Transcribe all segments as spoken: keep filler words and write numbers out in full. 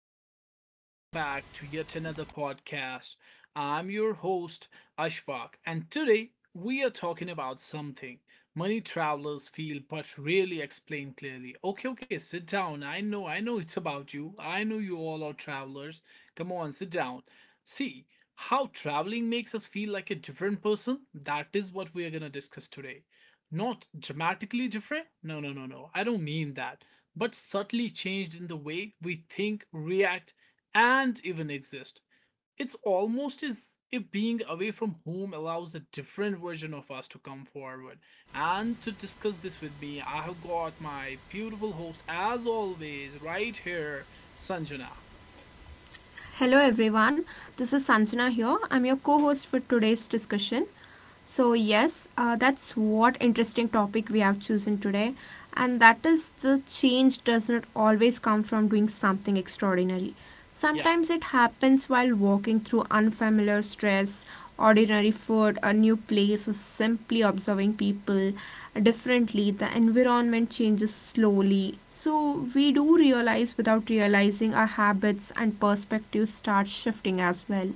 and welcome back to yet another podcast. I'm your host, Ashfaq, and today we are talking about something money travelers feel but rarely explain clearly. Okay, okay, sit down. I know, I know it's about you. I know you all are travelers. Come on, sit down. See, how traveling makes us feel like a different person? That is what we are going to discuss today. Not dramatically different? No, no, no, no. I don't mean that, but subtly changed in the way we think, react, and even exist. It's almost as if being away from home allows a different version of us to come forward. And to discuss this with me, I have got my beautiful host, as always, right here, Sanjana. Hello everyone, this is Sanjana here. I'm your co host for today's discussion. So yes, uh, that's what interesting topic we have chosen today, and that is the change does not always come from doing something extraordinary. Yeah. Sometimes it happens while walking through unfamiliar stress, ordinary food, a new place, or simply observing people differently. The environment changes slowly, so we do realize without realizing our habits and perspectives start shifting as well.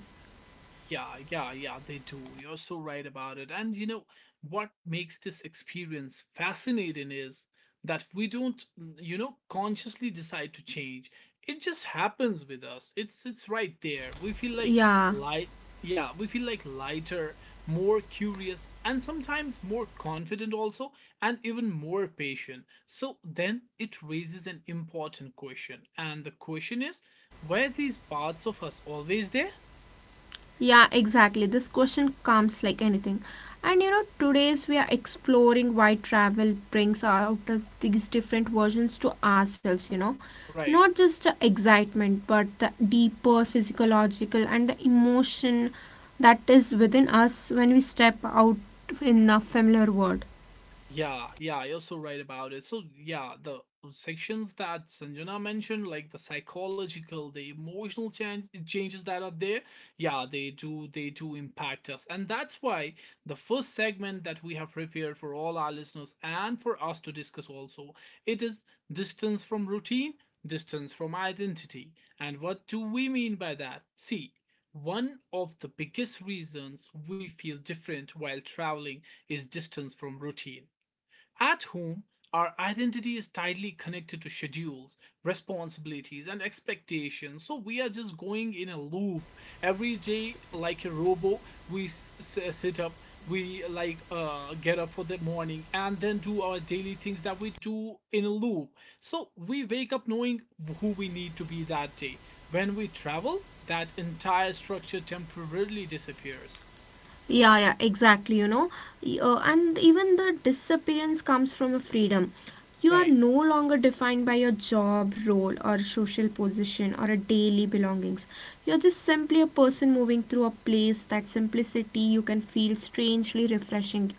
Yeah, yeah, yeah, they do. You're so right about it. And you know what makes this experience fascinating is that we don't, mm, you know, consciously decide to change. It just happens with us. It's it's right there. We feel like Yeah. light. Yeah, we feel like lighter, more curious, and sometimes more confident also, and even more patient. So then it raises an important question. And the question is, were these parts of us always there? Yeah, exactly. This question comes like anything. And you know, today's we are exploring why travel brings out us these different versions to ourselves, you know. Right. Not just the excitement, but the deeper physiological and the emotion that is within us when we step out in a familiar world. Yeah, yeah, you're so right about it. So, yeah, the sections that Sanjana mentioned, like the psychological, the emotional change, changes that are there, yeah, they do they do impact us. And that's why the first segment that we have prepared for all our listeners and for us to discuss also, it is distance from routine, distance from identity. And what do we mean by that? See, one of the biggest reasons we feel different while traveling is distance from routine. At home, our identity is tightly connected to schedules, responsibilities, and expectations. So we are just going in a loop every day, like a robo. We s- s- sit up, we like uh, get up for the morning, and then do our daily things that we do in a loop. So we wake up knowing who we need to be that day. When we travel, that entire structure temporarily disappears. Yeah, yeah, exactly. You know, Y- uh, and even the disappearance comes from a freedom. You are Right. no longer defined by your job role or social position or a daily belongings. You're just simply a person moving through a place. That simplicity you can feel strangely refreshing.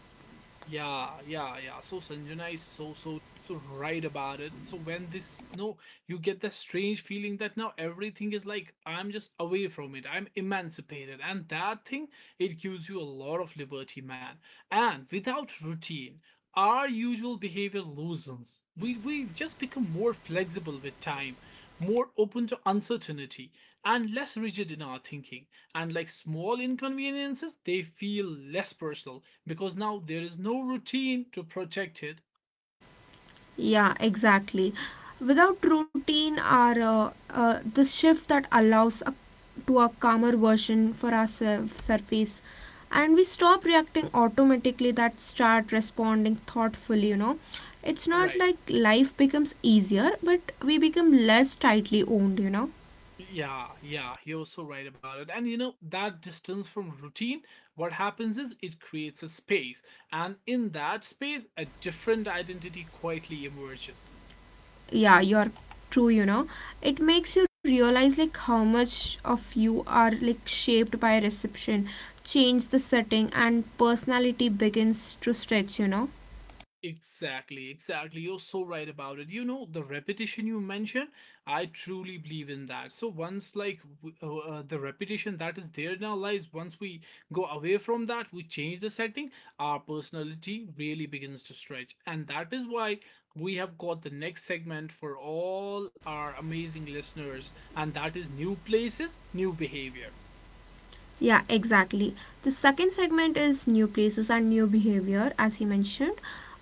Yeah, yeah, yeah. So Sanjana is so so so right about it. So, when this no, you get that strange feeling that now everything is like I'm just away from it. I'm emancipated, and that thing it gives you a lot of liberty, man. And without routine, our usual behavior loosens. We we just become more flexible with time, more open to uncertainty, and less rigid in our thinking. And like small inconveniences, they feel less personal because now there is no routine to protect it. Yeah, exactly. Without routine or uh, uh, this shift that allows a, to a calmer version for our surf- surface, and we stop reacting automatically, that start responding thoughtfully, you know. It's not Right. like life becomes easier, but we become less tightly owned, you know. Yeah, yeah, you're so right about it. And you know, that distance from routine, what happens is it creates a space. And in that space, a different identity quietly emerges. Yeah, you're true, you know, it makes you realize like how much of you are like shaped by reception, change the setting and personality begins to stretch, you know. Exactly, exactly. You're so right about it. You know, the repetition you mentioned, I truly believe in that. So once like w- uh, uh, the repetition that is there in our lives, once we go away from that, we change the setting, our personality really begins to stretch. And that is why we have got the next segment for all our amazing listeners, and that is new places, new behavior. Yeah, exactly. The second segment is new places and new behavior, as he mentioned.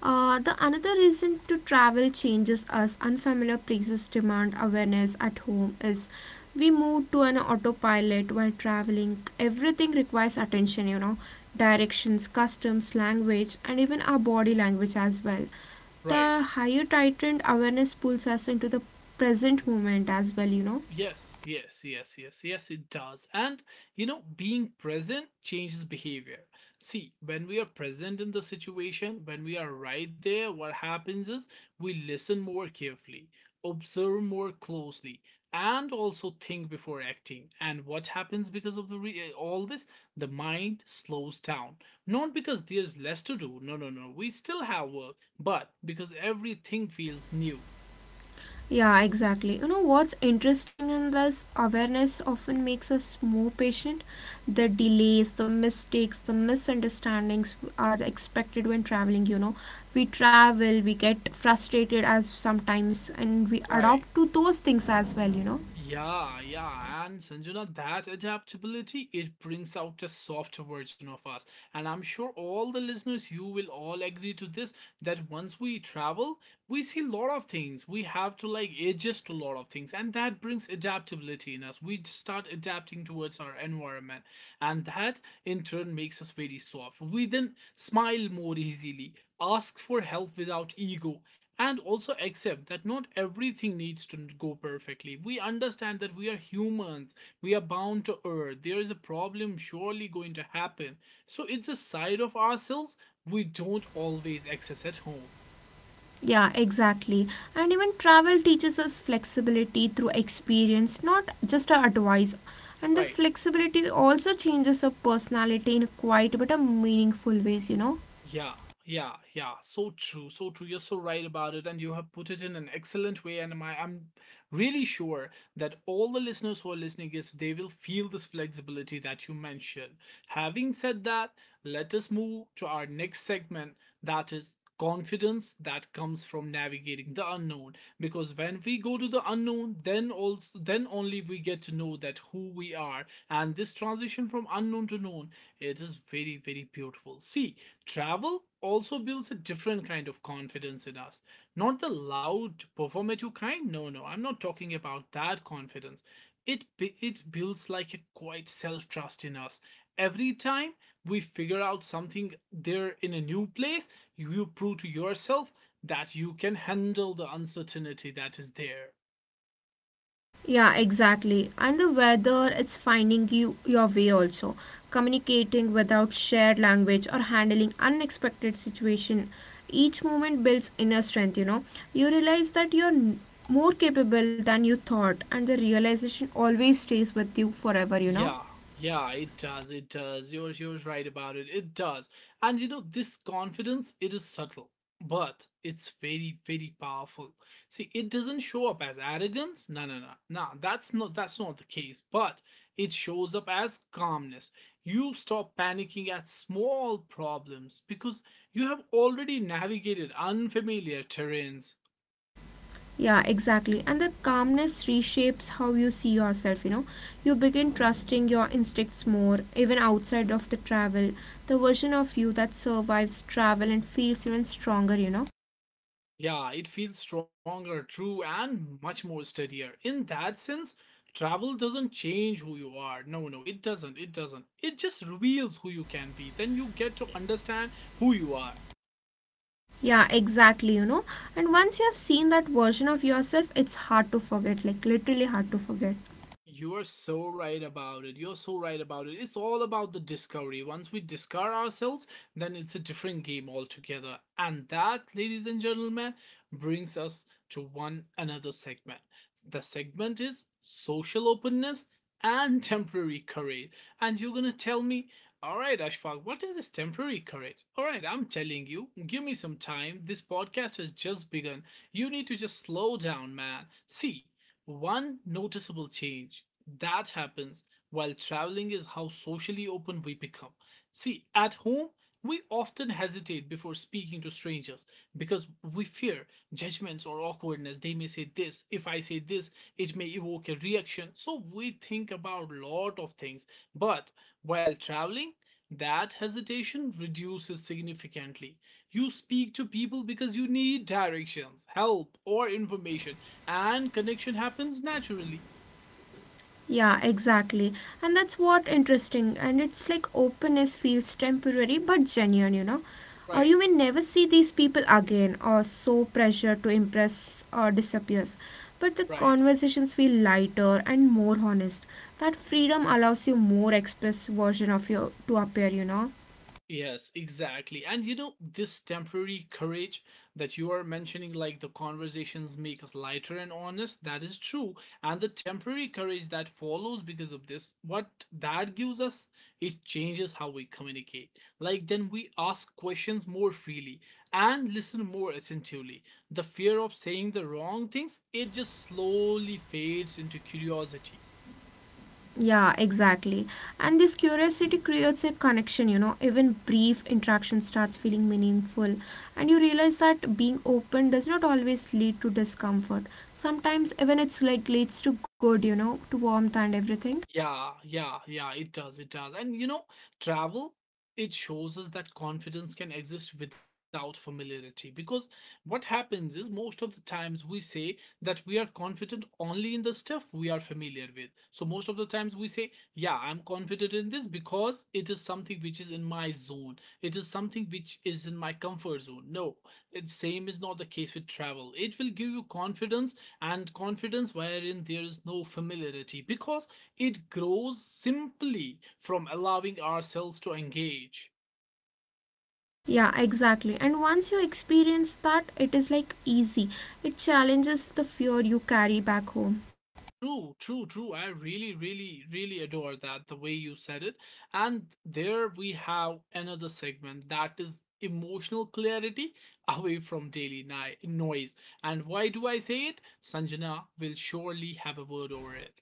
Uh, the another reason to travel changes us unfamiliar places demand awareness at home is we move to an autopilot while traveling. Everything requires attention, you know, directions, customs, language, and even our body language as well. Right. The higher tightened awareness pulls us into the present moment as well, you know. Yes, yes, yes, yes, yes, it does. And you know, being present changes behavior. See, when we are present in the situation, when we are right there, what happens is we listen more carefully, observe more closely, and also think before acting. And what happens because of the re- eh, all this? The mind slows down. Not because there's less to do. No, no, no. We still have work, but because everything feels new. Yeah, exactly. You know what's interesting in this awareness often makes us more patient. The delays, the mistakes, the misunderstandings are expected when traveling. You know, we travel, we get frustrated as sometimes, and we Right. adopt to those things as well. You know. Yeah, yeah, and Sanjana, that adaptability it brings out a softer version of us. And I'm sure all the listeners, you will all agree to this that once we travel, we see a lot of things. We have to like adjust to a lot of things, and that brings adaptability in us. We start adapting towards our environment, and that in turn makes us very soft. We then smile more easily, ask for help without ego, and also accept that not everything needs to go perfectly. We understand that we are humans. We are bound to err. There is a problem surely going to happen. So it's a side of ourselves we don't always access at home. Yeah, exactly. And even travel teaches us flexibility through experience, not just our advice. And the Right. flexibility also changes our personality in quite but a meaningful ways, you know. Yeah, yeah, yeah. So true, so true. You're so right about it, and you have put it in an excellent way. And my, I'm really sure that all the listeners who are listening is they will feel this flexibility that you mentioned. Having said that, let us move to our next segment, that is confidence that comes from navigating the unknown. Because when we go to the unknown, then also then only we get to know that who we are. And this transition from unknown to known, it is very very beautiful. See, travel also builds a different kind of confidence in us, not the loud performative kind. No, no, I'm not talking about that confidence. It it builds like a quiet self-trust in us. Every time we figure out something there in a new place, you prove to yourself that you can handle the uncertainty that is there. Yeah, exactly. And the weather, it's finding you your way also. Communicating without shared language or handling unexpected situation. Each moment builds inner strength, you know. You realize that you're n- more capable than you thought and the realization always stays with you forever, you know. Yeah, yeah, it does. It does. You're you're right about it. It does. And you know, this confidence, it is subtle, but it's very, very powerful. See, it doesn't show up as arrogance. No, no, no. No, that's not that's not the case. But it shows up as calmness. You stop panicking at small problems because you have already navigated unfamiliar terrains. Yeah, exactly. And the calmness reshapes how you see yourself, you know. You begin trusting your instincts more, even outside of the travel. The version of you that survives travel and feels even stronger, you know. Yeah, it feels stronger, true, and much more steadier. In that sense, travel doesn't change who you are. No, no, it doesn't. It doesn't. It just reveals who you can be. Then you get to understand who you are. Yeah, exactly, you know. And once you have seen that version of yourself, it's hard to forget, like literally hard to forget. You are so right about it. You're so right about it. It's all about the discovery. Once we discover ourselves, then it's a different game altogether. And that, ladies and gentlemen, brings us to one another segment. The segment is social openness and temporary courage. And you're gonna tell me, all right, Ashfaq, what is this temporary courage? All right, I'm telling you, give me some time. This podcast has just begun. You need to just slow down, man. See, one noticeable change that happens while traveling is how socially open we become. See, at home, we often hesitate before speaking to strangers because we fear judgments or awkwardness. They may say this. If I say this, it may evoke a reaction. So we think about a lot of things. But while traveling, that hesitation reduces significantly. You speak to people because you need directions, help, or information, and connection happens naturally. Yeah, exactly. And that's what interesting. And it's like openness feels temporary but genuine, you know. Uh, you Right. may never see these people again or so pressure to impress or disappears. But the Right. conversations feel lighter and more honest. That freedom allows you more express version of your to appear, you know. Yes, exactly. And you know, this temporary courage that you are mentioning, like the conversations make us lighter and honest, that is true. And the temporary courage that follows because of this, what that gives us, it changes how we communicate. Like then we ask questions more freely and listen more attentively. The fear of saying the wrong things, it just slowly fades into curiosity. Yeah, exactly. And this curiosity creates a connection, you know, even brief interaction starts feeling meaningful. And you realize that being open does not always lead to discomfort. Sometimes even it's like leads to good, you know, to warmth and everything. Yeah, yeah, yeah, it does, it does. And you know, travel, it shows us that confidence can exist without familiarity. Because what happens is most of the times we say that we are confident only in the stuff we are familiar with. So most of the times we say, yeah, I'm confident in this because it is something which is in my zone. It is something which is in my comfort zone. No, it same is not the case with travel. It will give you confidence and confidence wherein there is no familiarity because it grows simply from allowing ourselves to engage. Yeah, exactly. And once you experience that, it is like easy. It challenges the fear you carry back home. True, true, true. I really, really, really adore that, the way you said it. And there we have another segment, that is emotional clarity away from daily ni- noise. And why do I say it? Sanjana will surely have a word over it.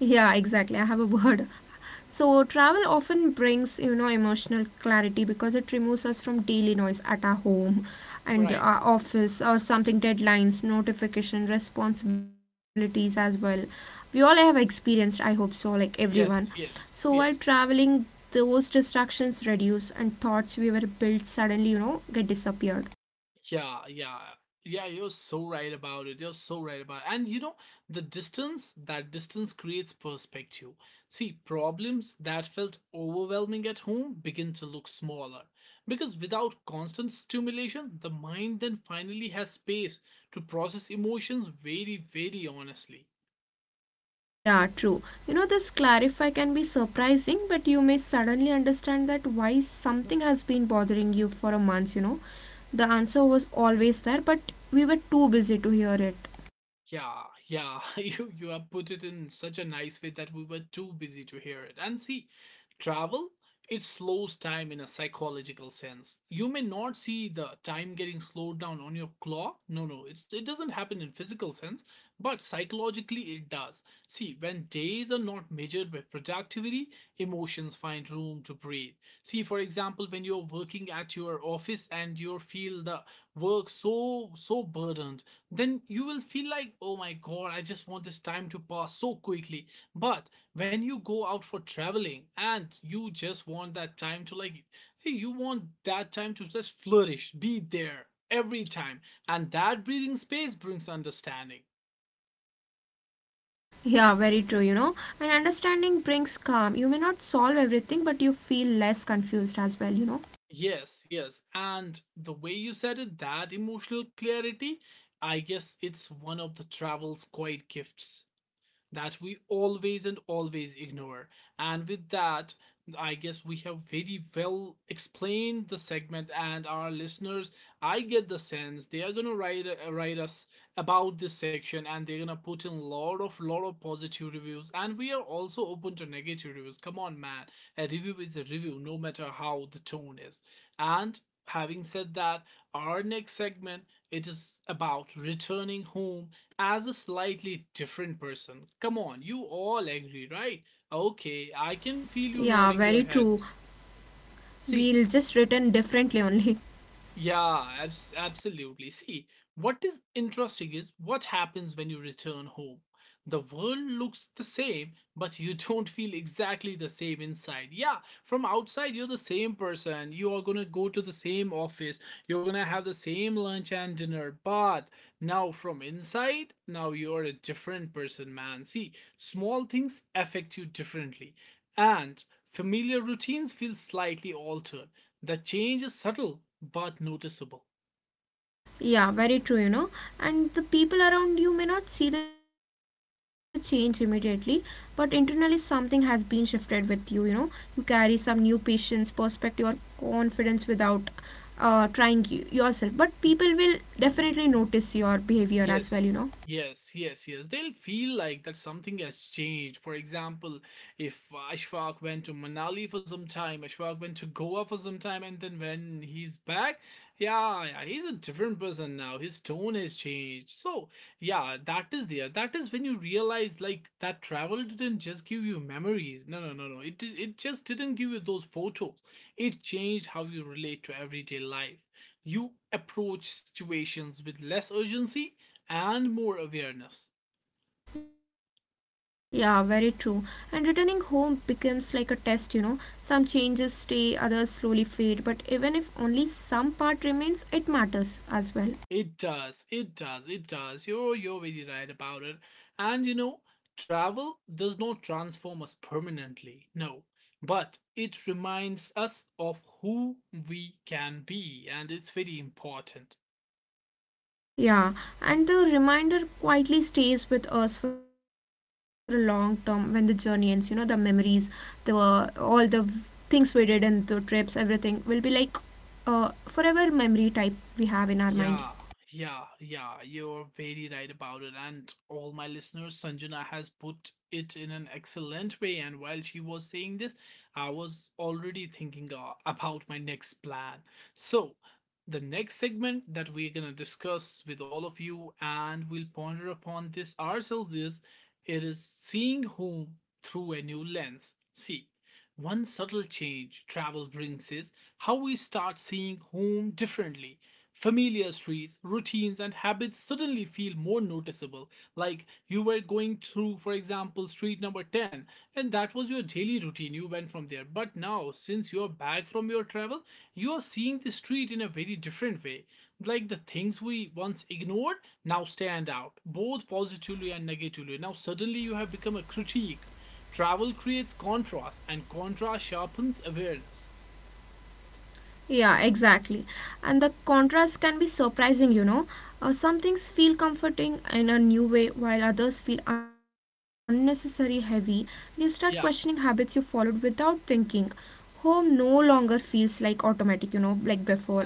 Yeah, exactly. I have a word. So, travel often brings, you know, emotional clarity because it removes us from daily noise at our home and Right. our office or something, deadlines, notification, responsibilities as well. We all have experienced, I hope so, like Yes, everyone. yes, So, yes. while traveling, those distractions reduce and thoughts we were built suddenly, you know, get disappeared. Yeah, yeah. Yeah, you're so right about it. You're so right about it. And you know, the distance, that distance creates perspective. See, problems that felt overwhelming at home begin to look smaller. Because without constant stimulation, the mind then finally has space to process emotions very, very honestly. Yeah, true. You know, this clarify can be surprising, but you may suddenly understand that why something has been bothering you for a month, you know. The answer was always there, but we were too busy to hear it. Yeah, yeah, you you have put it in such a nice way that we were too busy to hear it. And see, travel, it slows time in a psychological sense. You may not see the time getting slowed down on your clock. No, no, it's it doesn't happen in physical sense, but psychologically it does. See, when days are not measured by productivity, emotions find room to breathe. See, for example, when you're working at your office and you feel the work so so burdened then you will feel like, oh my god, I just want this time to pass so quickly. But when you go out for traveling and you just want that time to like, hey, you want that time to just flourish, be there every time. And that breathing space brings understanding. Yeah, very true, you know. And understanding brings calm. You may not solve everything, but you feel less confused as well, you know. Yes, yes. And the way you said it, that emotional clarity, I guess it's one of the travel's quiet gifts that we always and always ignore. And with that, I guess we have very well explained the segment and our listeners. I get the sense they are gonna write uh, write us about this section and they're gonna put in a lot of lot of positive reviews. And we are also open to negative reviews. Come on, man, a review is a review, no matter how the tone is. And having said that, our next segment it is about returning home as a slightly different person. Come on, you all agree, right? Okay, I can feel you Yeah, nodding your very true. heads. See, We'll just written differently only. yeah, abs- absolutely. See, what is interesting is what happens when you return home. The world looks the same, but you don't feel exactly the same inside. Yeah, from outside, you're the same person. You are gonna go to the same office. You're gonna have the same lunch and dinner. But now, from inside, now you're a different person, man. See, small things affect you differently, and familiar routines feel slightly altered. The change is subtle but noticeable. Yeah, very true, you know. And the people around you may not see the change immediately, but internally something has been shifted with you, you know. You carry some new patience, perspective, or confidence without uh, trying y- yourself. But people will definitely notice Yes, your behavior yes, as well, you yes, know. yes. They'll feel like that something has changed. For example, if Ashfaq went to Manali for some time, Ashfaq went to Goa for some time, and then when he's back, yeah, yeah, he's a different person now. His tone has changed. So, yeah, that is there. That is when you realize like that travel didn't just give you memories. No, no, no, no. It di- it just didn't give you those photos. It changed how you relate to everyday life. You approach situations with less urgency and more awareness. Yeah, very true. And returning home becomes like a test, you know. Some changes stay, others slowly fade, but even if only some part remains, it matters as well. It does, it does, it does. You're you're very right about it. And you know, travel does not transform us permanently, no. But it reminds us of who we can be, and it's very important. Yeah, and the reminder quietly stays with us for a long term when the journey ends. You know, the memories, the all the things we did and the trips, everything will be like uh, forever memory type we have in our mind. Yeah, yeah, yeah. You're very right about it. And all my listeners, Sanjana has put it in an excellent way. And while she was saying this, I was already thinking uh, about my next plan. So, the next segment that we're going to discuss with all of you and we'll ponder upon this ourselves is it is seeing home through a new lens. See, one subtle change travel brings is how we start seeing home differently. Familiar streets, routines, and habits suddenly feel more noticeable. Like you were going through, for example, street number ten, and that was your daily routine. You went from there. But now, since you are back from your travel, you are seeing the street in a very different way. Like the things we once ignored now stand out, both positively and negatively. Now, suddenly, you have become a critique. Travel creates contrast, and contrast sharpens awareness. Yeah, exactly. And the contrast can be surprising, you know. Uh, some things feel comforting in a new way, while others feel unnecessary heavy. You start questioning habits you Yeah. followed without thinking. Home no longer feels like automatic, you know, like before itself.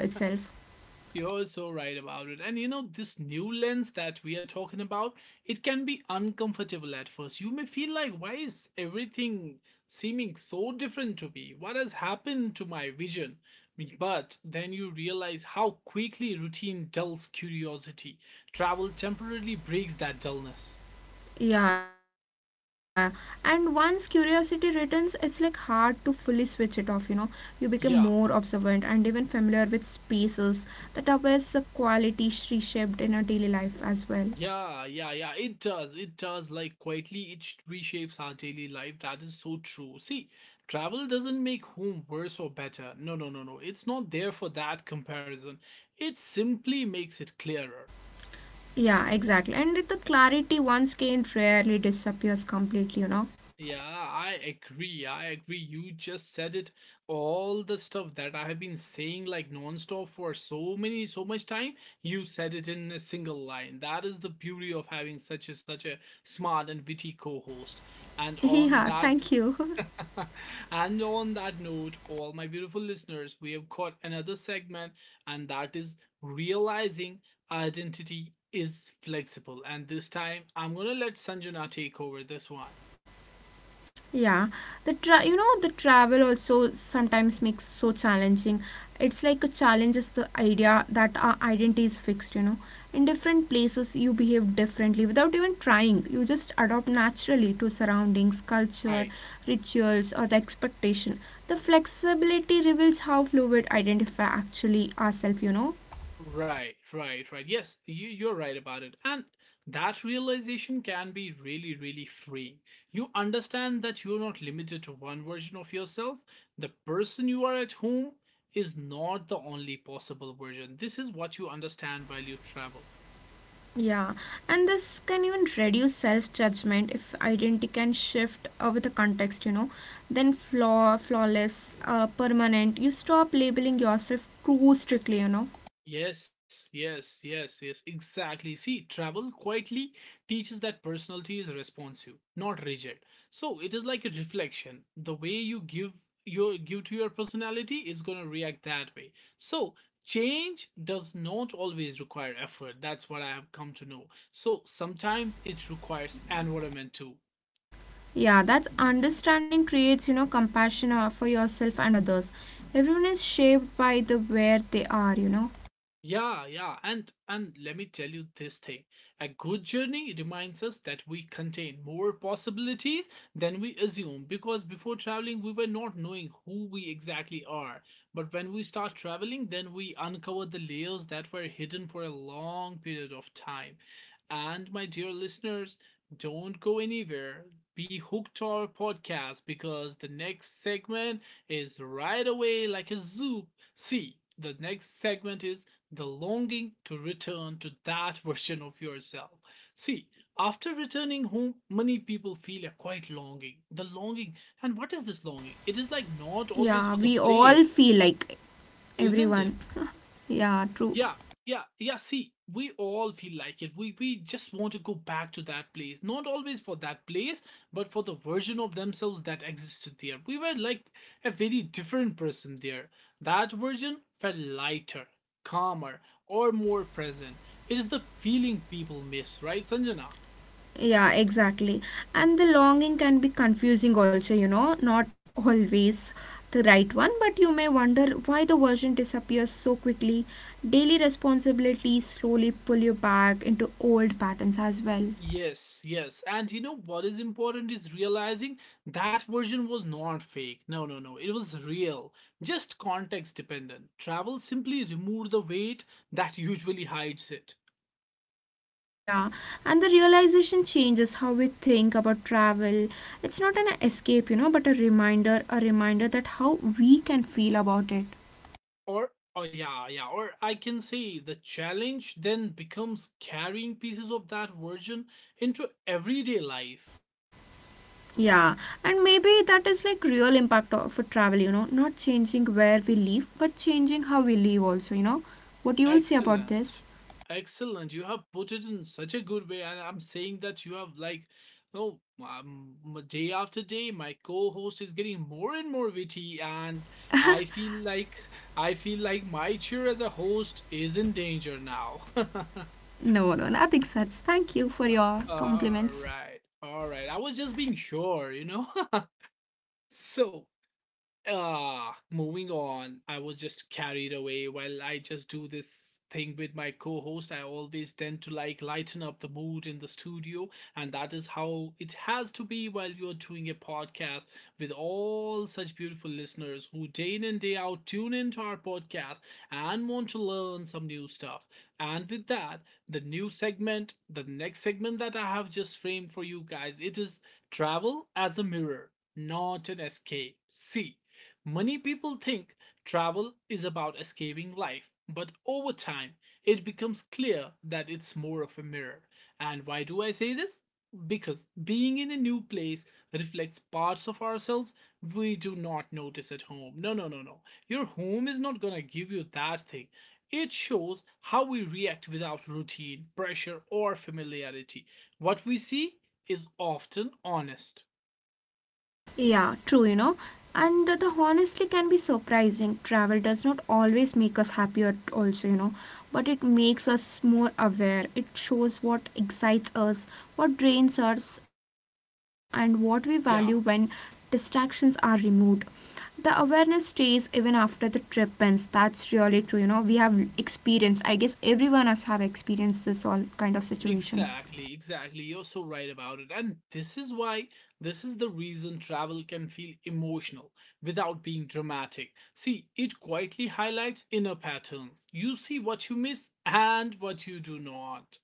You're so right about it. And you know, this new lens that we are talking about, it can be uncomfortable at first. You may feel like, why is everything seeming so different to me? What has happened to my vision? But then you realize how quickly routine dulls curiosity. Travel temporarily breaks that dullness. Yeah, and once curiosity returns, it's like hard to fully switch it off, you know. You become more observant Yeah, and even familiar with spaces that are where the quality reshaped in our daily life as well. yeah, yeah, yeah. It does. It does. Like, quietly, it sh- reshapes our daily life. That is so true. See, travel doesn't make home worse or better. No, no, no, no. It's not there for that comparison. It simply makes it clearer. Yeah, exactly. And the clarity once gained rarely disappears completely, you know. Yeah, I agree. I agree. You just said it. All the stuff that I have been saying, like, nonstop for so many, so much time, you said it in a single line. That is the beauty of having such a, such a smart and witty co-host. And on Yeah, that thank you. and on that note, all my beautiful listeners, we have caught another segment, and that is realizing identity is flexible. And this time, I'm going to let Sanjana take over this one. Yeah, the tra- you know the travel also sometimes makes so challenging. It's like a challenge is the idea that our identity is fixed, you know. In different places, you behave differently without even trying. You just adopt naturally to surroundings, culture, Right. rituals, or the expectation. The flexibility reveals how fluid identify actually ourselves, you know. Right, right, right. Yes, you, you're right about it. And that realization can be really, really freeing. You understand that you're not limited to one version of yourself. The person you are at home is not the only possible version. This is what you understand while you travel. Yeah, and this can even reduce self judgment if identity can shift uh, with the context, you know. Then flaw, flawless, uh, permanent. You stop labeling yourself too strictly, you know. Yes, yes, yes, yes, exactly. See, travel quietly teaches that personality is responsive, not rigid. So it is like a reflection. The way you give your give to your personality is gonna react that way. So change does not always require effort. That's what I have come to know. So sometimes it requires environment too. Yeah, that's understanding creates, you know, compassion uh, for yourself and others. Everyone is shaped by the where they are, you know. Yeah, yeah, and and let me tell you this thing. A good journey reminds us that we contain more possibilities than we assume because before traveling we were not knowing who we exactly are. But when we start traveling, then we uncover the layers that were hidden for a long period of time. And my dear listeners, don't go anywhere, be hooked to our podcast because the next segment is right away like a zoo. See, the next segment is the longing to return to that version of yourself. See, after returning home, many people feel a quite longing. The longing, and what is this longing? It is like not always Yeah, for the we all place, feel like isn't it? everyone. Yeah, true. Yeah, yeah, yeah. See, we all feel like it. We we just want to go back to that place. Not always for that place, but for the version of themselves that existed there. We were like a very different person there. That version felt lighter, calmer, or more present. It is the feeling people miss, right, Sanjana? Yeah, exactly. And the longing can be confusing also, you know, not always the right one, but you may wonder why the version disappears so quickly. Daily responsibilities slowly pull you back into old patterns as well. Yes, yes. And you know what is important is realizing that version was not fake. No, no, no. It was real, just context dependent. Travel simply removed the weight that usually hides it. Yeah, and the realization changes how we think about travel. It's not an escape, you know, but a reminder, a reminder that how we can feel about it. Or, oh, yeah, yeah. Or I can say the challenge then becomes carrying pieces of that version into everyday life. Yeah, and maybe that is like real impact of a travel, you know, not changing where we live, but changing how we live also, you know. What you will say about Excellent. this? Excellent. You have put it in such a good way. And I'm saying that you have, like, no, um, m- day after day, my co-host is getting more and more witty. And I feel like, I feel like my chair as a host is in danger now. No, no, nothing such. Thank you for your All compliments. right. All right. I was just being sure, you know? So, Ah, moving on. I was just carried away while I just do this thing with my co-host. I always tend to like lighten up the mood in the studio, and that is how it has to be while you're doing a podcast with all such beautiful listeners who day in and day out tune into our podcast and want to learn some new stuff. And with that, the new segment, the next segment that I have just framed for you guys, it is travel as a mirror, not an escape. See. Many people think travel is about escaping life, but over time, it becomes clear that it's more of a mirror. And why do I say this? Because being in a new place reflects parts of ourselves we do not notice at home. No, no, no, no. Your home is not gonna give you that thing. It shows how we react without routine, pressure, or familiarity. What we see is often honest. Yeah, true, you know. And the honestly can be surprising. Travel does not always make us happier, also, you know, but it makes us more aware. It shows what excites us, what drains us, and what we value when Yeah. distractions are removed. The awareness stays even after the trip ends. That's really true, you know. We have experienced, I guess everyone us have experienced this all kind of situations. Exactly, exactly. You're so right about it. And this is why, this is the reason travel can feel emotional without being dramatic. See, it quietly highlights inner patterns. You see what you miss and what you do not.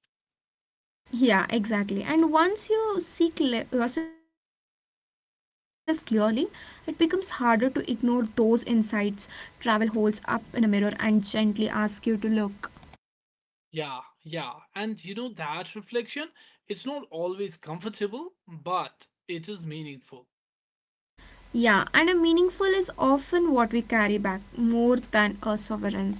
Yeah, exactly. And once you see cle- yourself clearly, it becomes harder to ignore those insights. Travel holds up in a mirror and gently asks you to look. Yeah, yeah. And you know, that reflection, it's not always comfortable, but it is meaningful. Yeah, and a meaningful is often what we carry back more than a sovereign.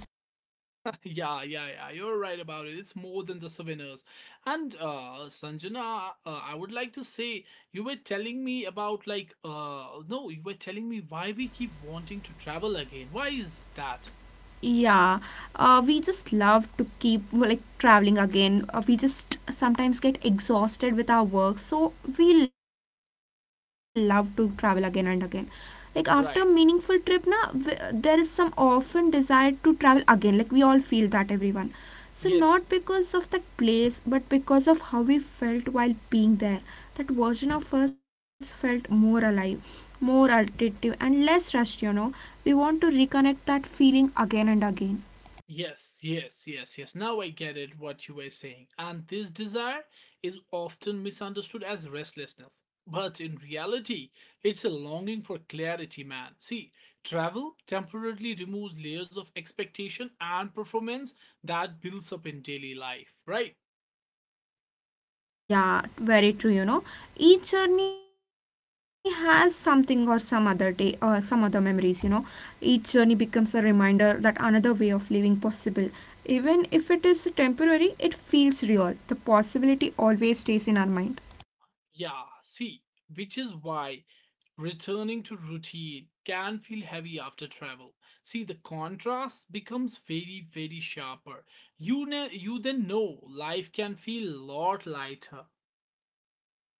Yeah, yeah, yeah. You're right about it. It's more than the souvenirs. And uh Sanjana, uh, I would like to say you were telling me about like uh no, you were telling me why we keep wanting to travel again. Why is that? Yeah, uh, we just love to keep like traveling again, uh, we just sometimes get exhausted with our work, so we love to travel again and again, like after meaningful trip na w- Right. there is some often desire to travel again, like we all feel that everyone, so not because of that Yes. place but because of how we felt while being there. That version of us felt more alive, more alternative and less rushed, you know. We want to reconnect that feeling again and again. Yes, yes, yes, yes. Now I get it what you were saying. And this desire is often misunderstood as restlessness. But in reality, it's a longing for clarity, man. See, travel temporarily removes layers of expectation and performance that builds up in daily life, right? Yeah, very true, you know. Each journey has something or some other day or some other memories, you know. Each journey becomes a reminder that another way of living possible. Even if it is temporary, it feels real. The possibility always stays in our mind. Yeah, see, which is why returning to routine can feel heavy after travel. See, the contrast becomes very, very sharper. You, ne- you then know life can feel a lot lighter.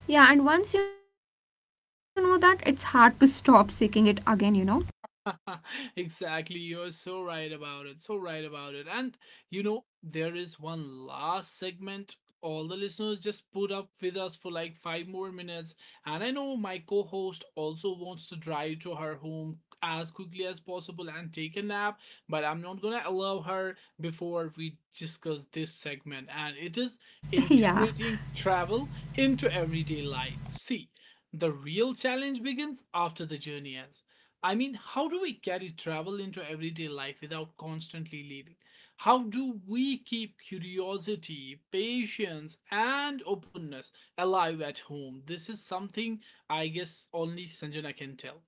Yeah, and once you know that, it's hard to stop seeking it again, you know. exactly. You're so right about it. So right about it. And you know, there is one last segment. All the listeners just put up with us for like five more minutes. And I know my co host also wants to drive to her home as quickly as possible and take a nap, but I'm not gonna allow her before we discuss this segment. And it is Yeah. integrating travel into everyday life. See, the real challenge begins after the journey ends. I mean, how do we carry travel into everyday life without constantly leaving? How do we keep curiosity, patience, and openness alive at home? This is something I guess only Sanjana can tell.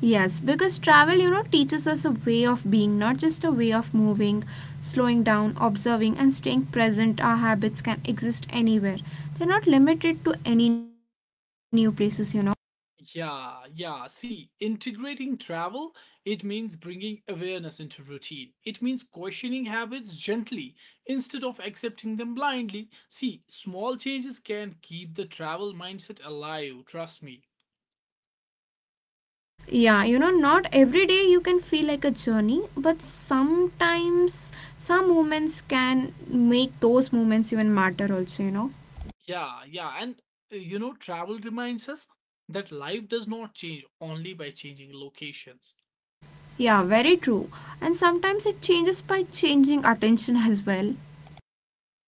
Yes, because travel, you know, teaches us a way of being, not just a way of moving, slowing down, observing, and staying present. Our habits can exist anywhere, they're not limited to any new places, you know. Yeah, yeah. See, integrating travel, it means bringing awareness into routine. It means questioning habits gently instead of accepting them blindly. See, small changes can keep the travel mindset alive, trust me. Yeah, you know, not every day you can feel like a journey, but sometimes some moments can make those moments even matter, also, you know. Yeah, yeah. And uh, you know, travel reminds us that life does not change only by changing locations. Yeah, very true. And sometimes it changes by changing attention as well.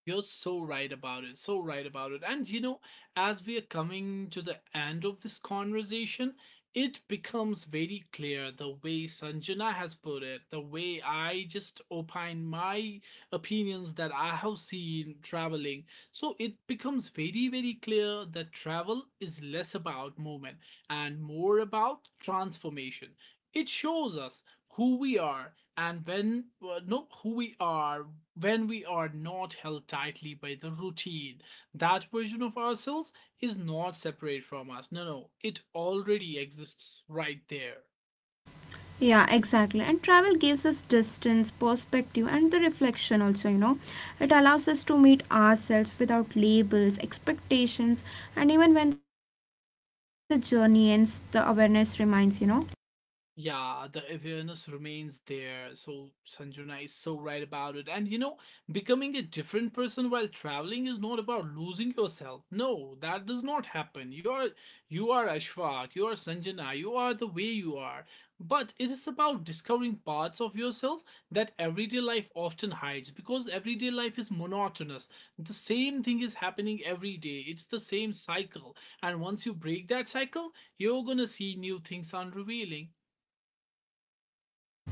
You're so right about it. So right about it. And you know, as we are coming to the end of this conversation, it becomes very clear the way Sanjana has put it, the way I just opine my opinions that I have seen traveling. So it becomes very, very clear that travel is less about movement and more about transformation. It shows us who we are and when uh, no who we are when we are not held tightly by the routine. That version of ourselves is not separate from us. No, no, it already exists right there. Yeah, exactly. And travel gives us distance, perspective, and the reflection also, you know. It allows us to meet ourselves without labels, expectations, and even when the journey ends, the awareness remains, you know. Yeah, the awareness remains there. So Sanjana is so right about it. And you know, becoming a different person while traveling is not about losing yourself. No, that does not happen. You are you are Ashfaq, you are Sanjana, you are the way you are. But it is about discovering parts of yourself that everyday life often hides because everyday life is monotonous. The same thing is happening every day. It's the same cycle. And once you break that cycle, you're gonna see new things unrevealing.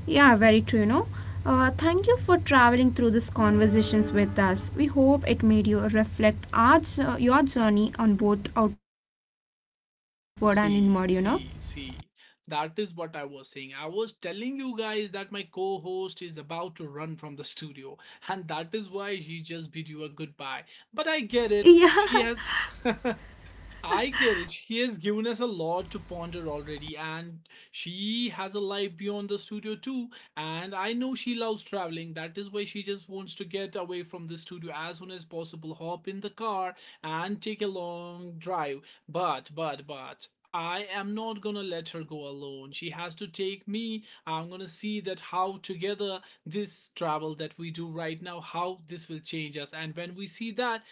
Yeah, very true, you know. Uh, thank you for traveling through these conversations with us. We hope it made you reflect our, jo- your journey on both outward and inward, you know. See, see, see. That is what I was saying. I was telling you guys that my co host is about to run from the studio, and that is why she just bid you a goodbye. But I get it. She Yeah, has. I get it. She has given us a lot to ponder already, and she has a life beyond the studio too. And I know she loves traveling. That is why she just wants to get away from the studio as soon as possible, hop in the car, and take a long drive. But, but, but, I am not gonna let her go alone. She has to take me. I'm gonna see that how together this travel that we do right now, how this will change us. And when we see that,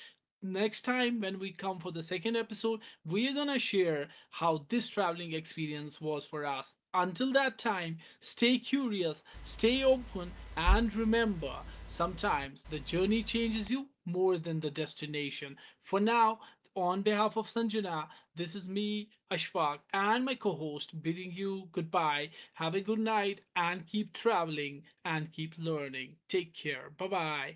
next time when we come for the second episode, we're gonna share how this traveling experience was for us. Until that time, stay curious, stay open, and remember sometimes the journey changes you more than the destination. For now, on behalf of Sanjana, this is me, Ashfaq, and my co host bidding you goodbye. Have a good night and keep traveling and keep learning. Take care. Bye bye.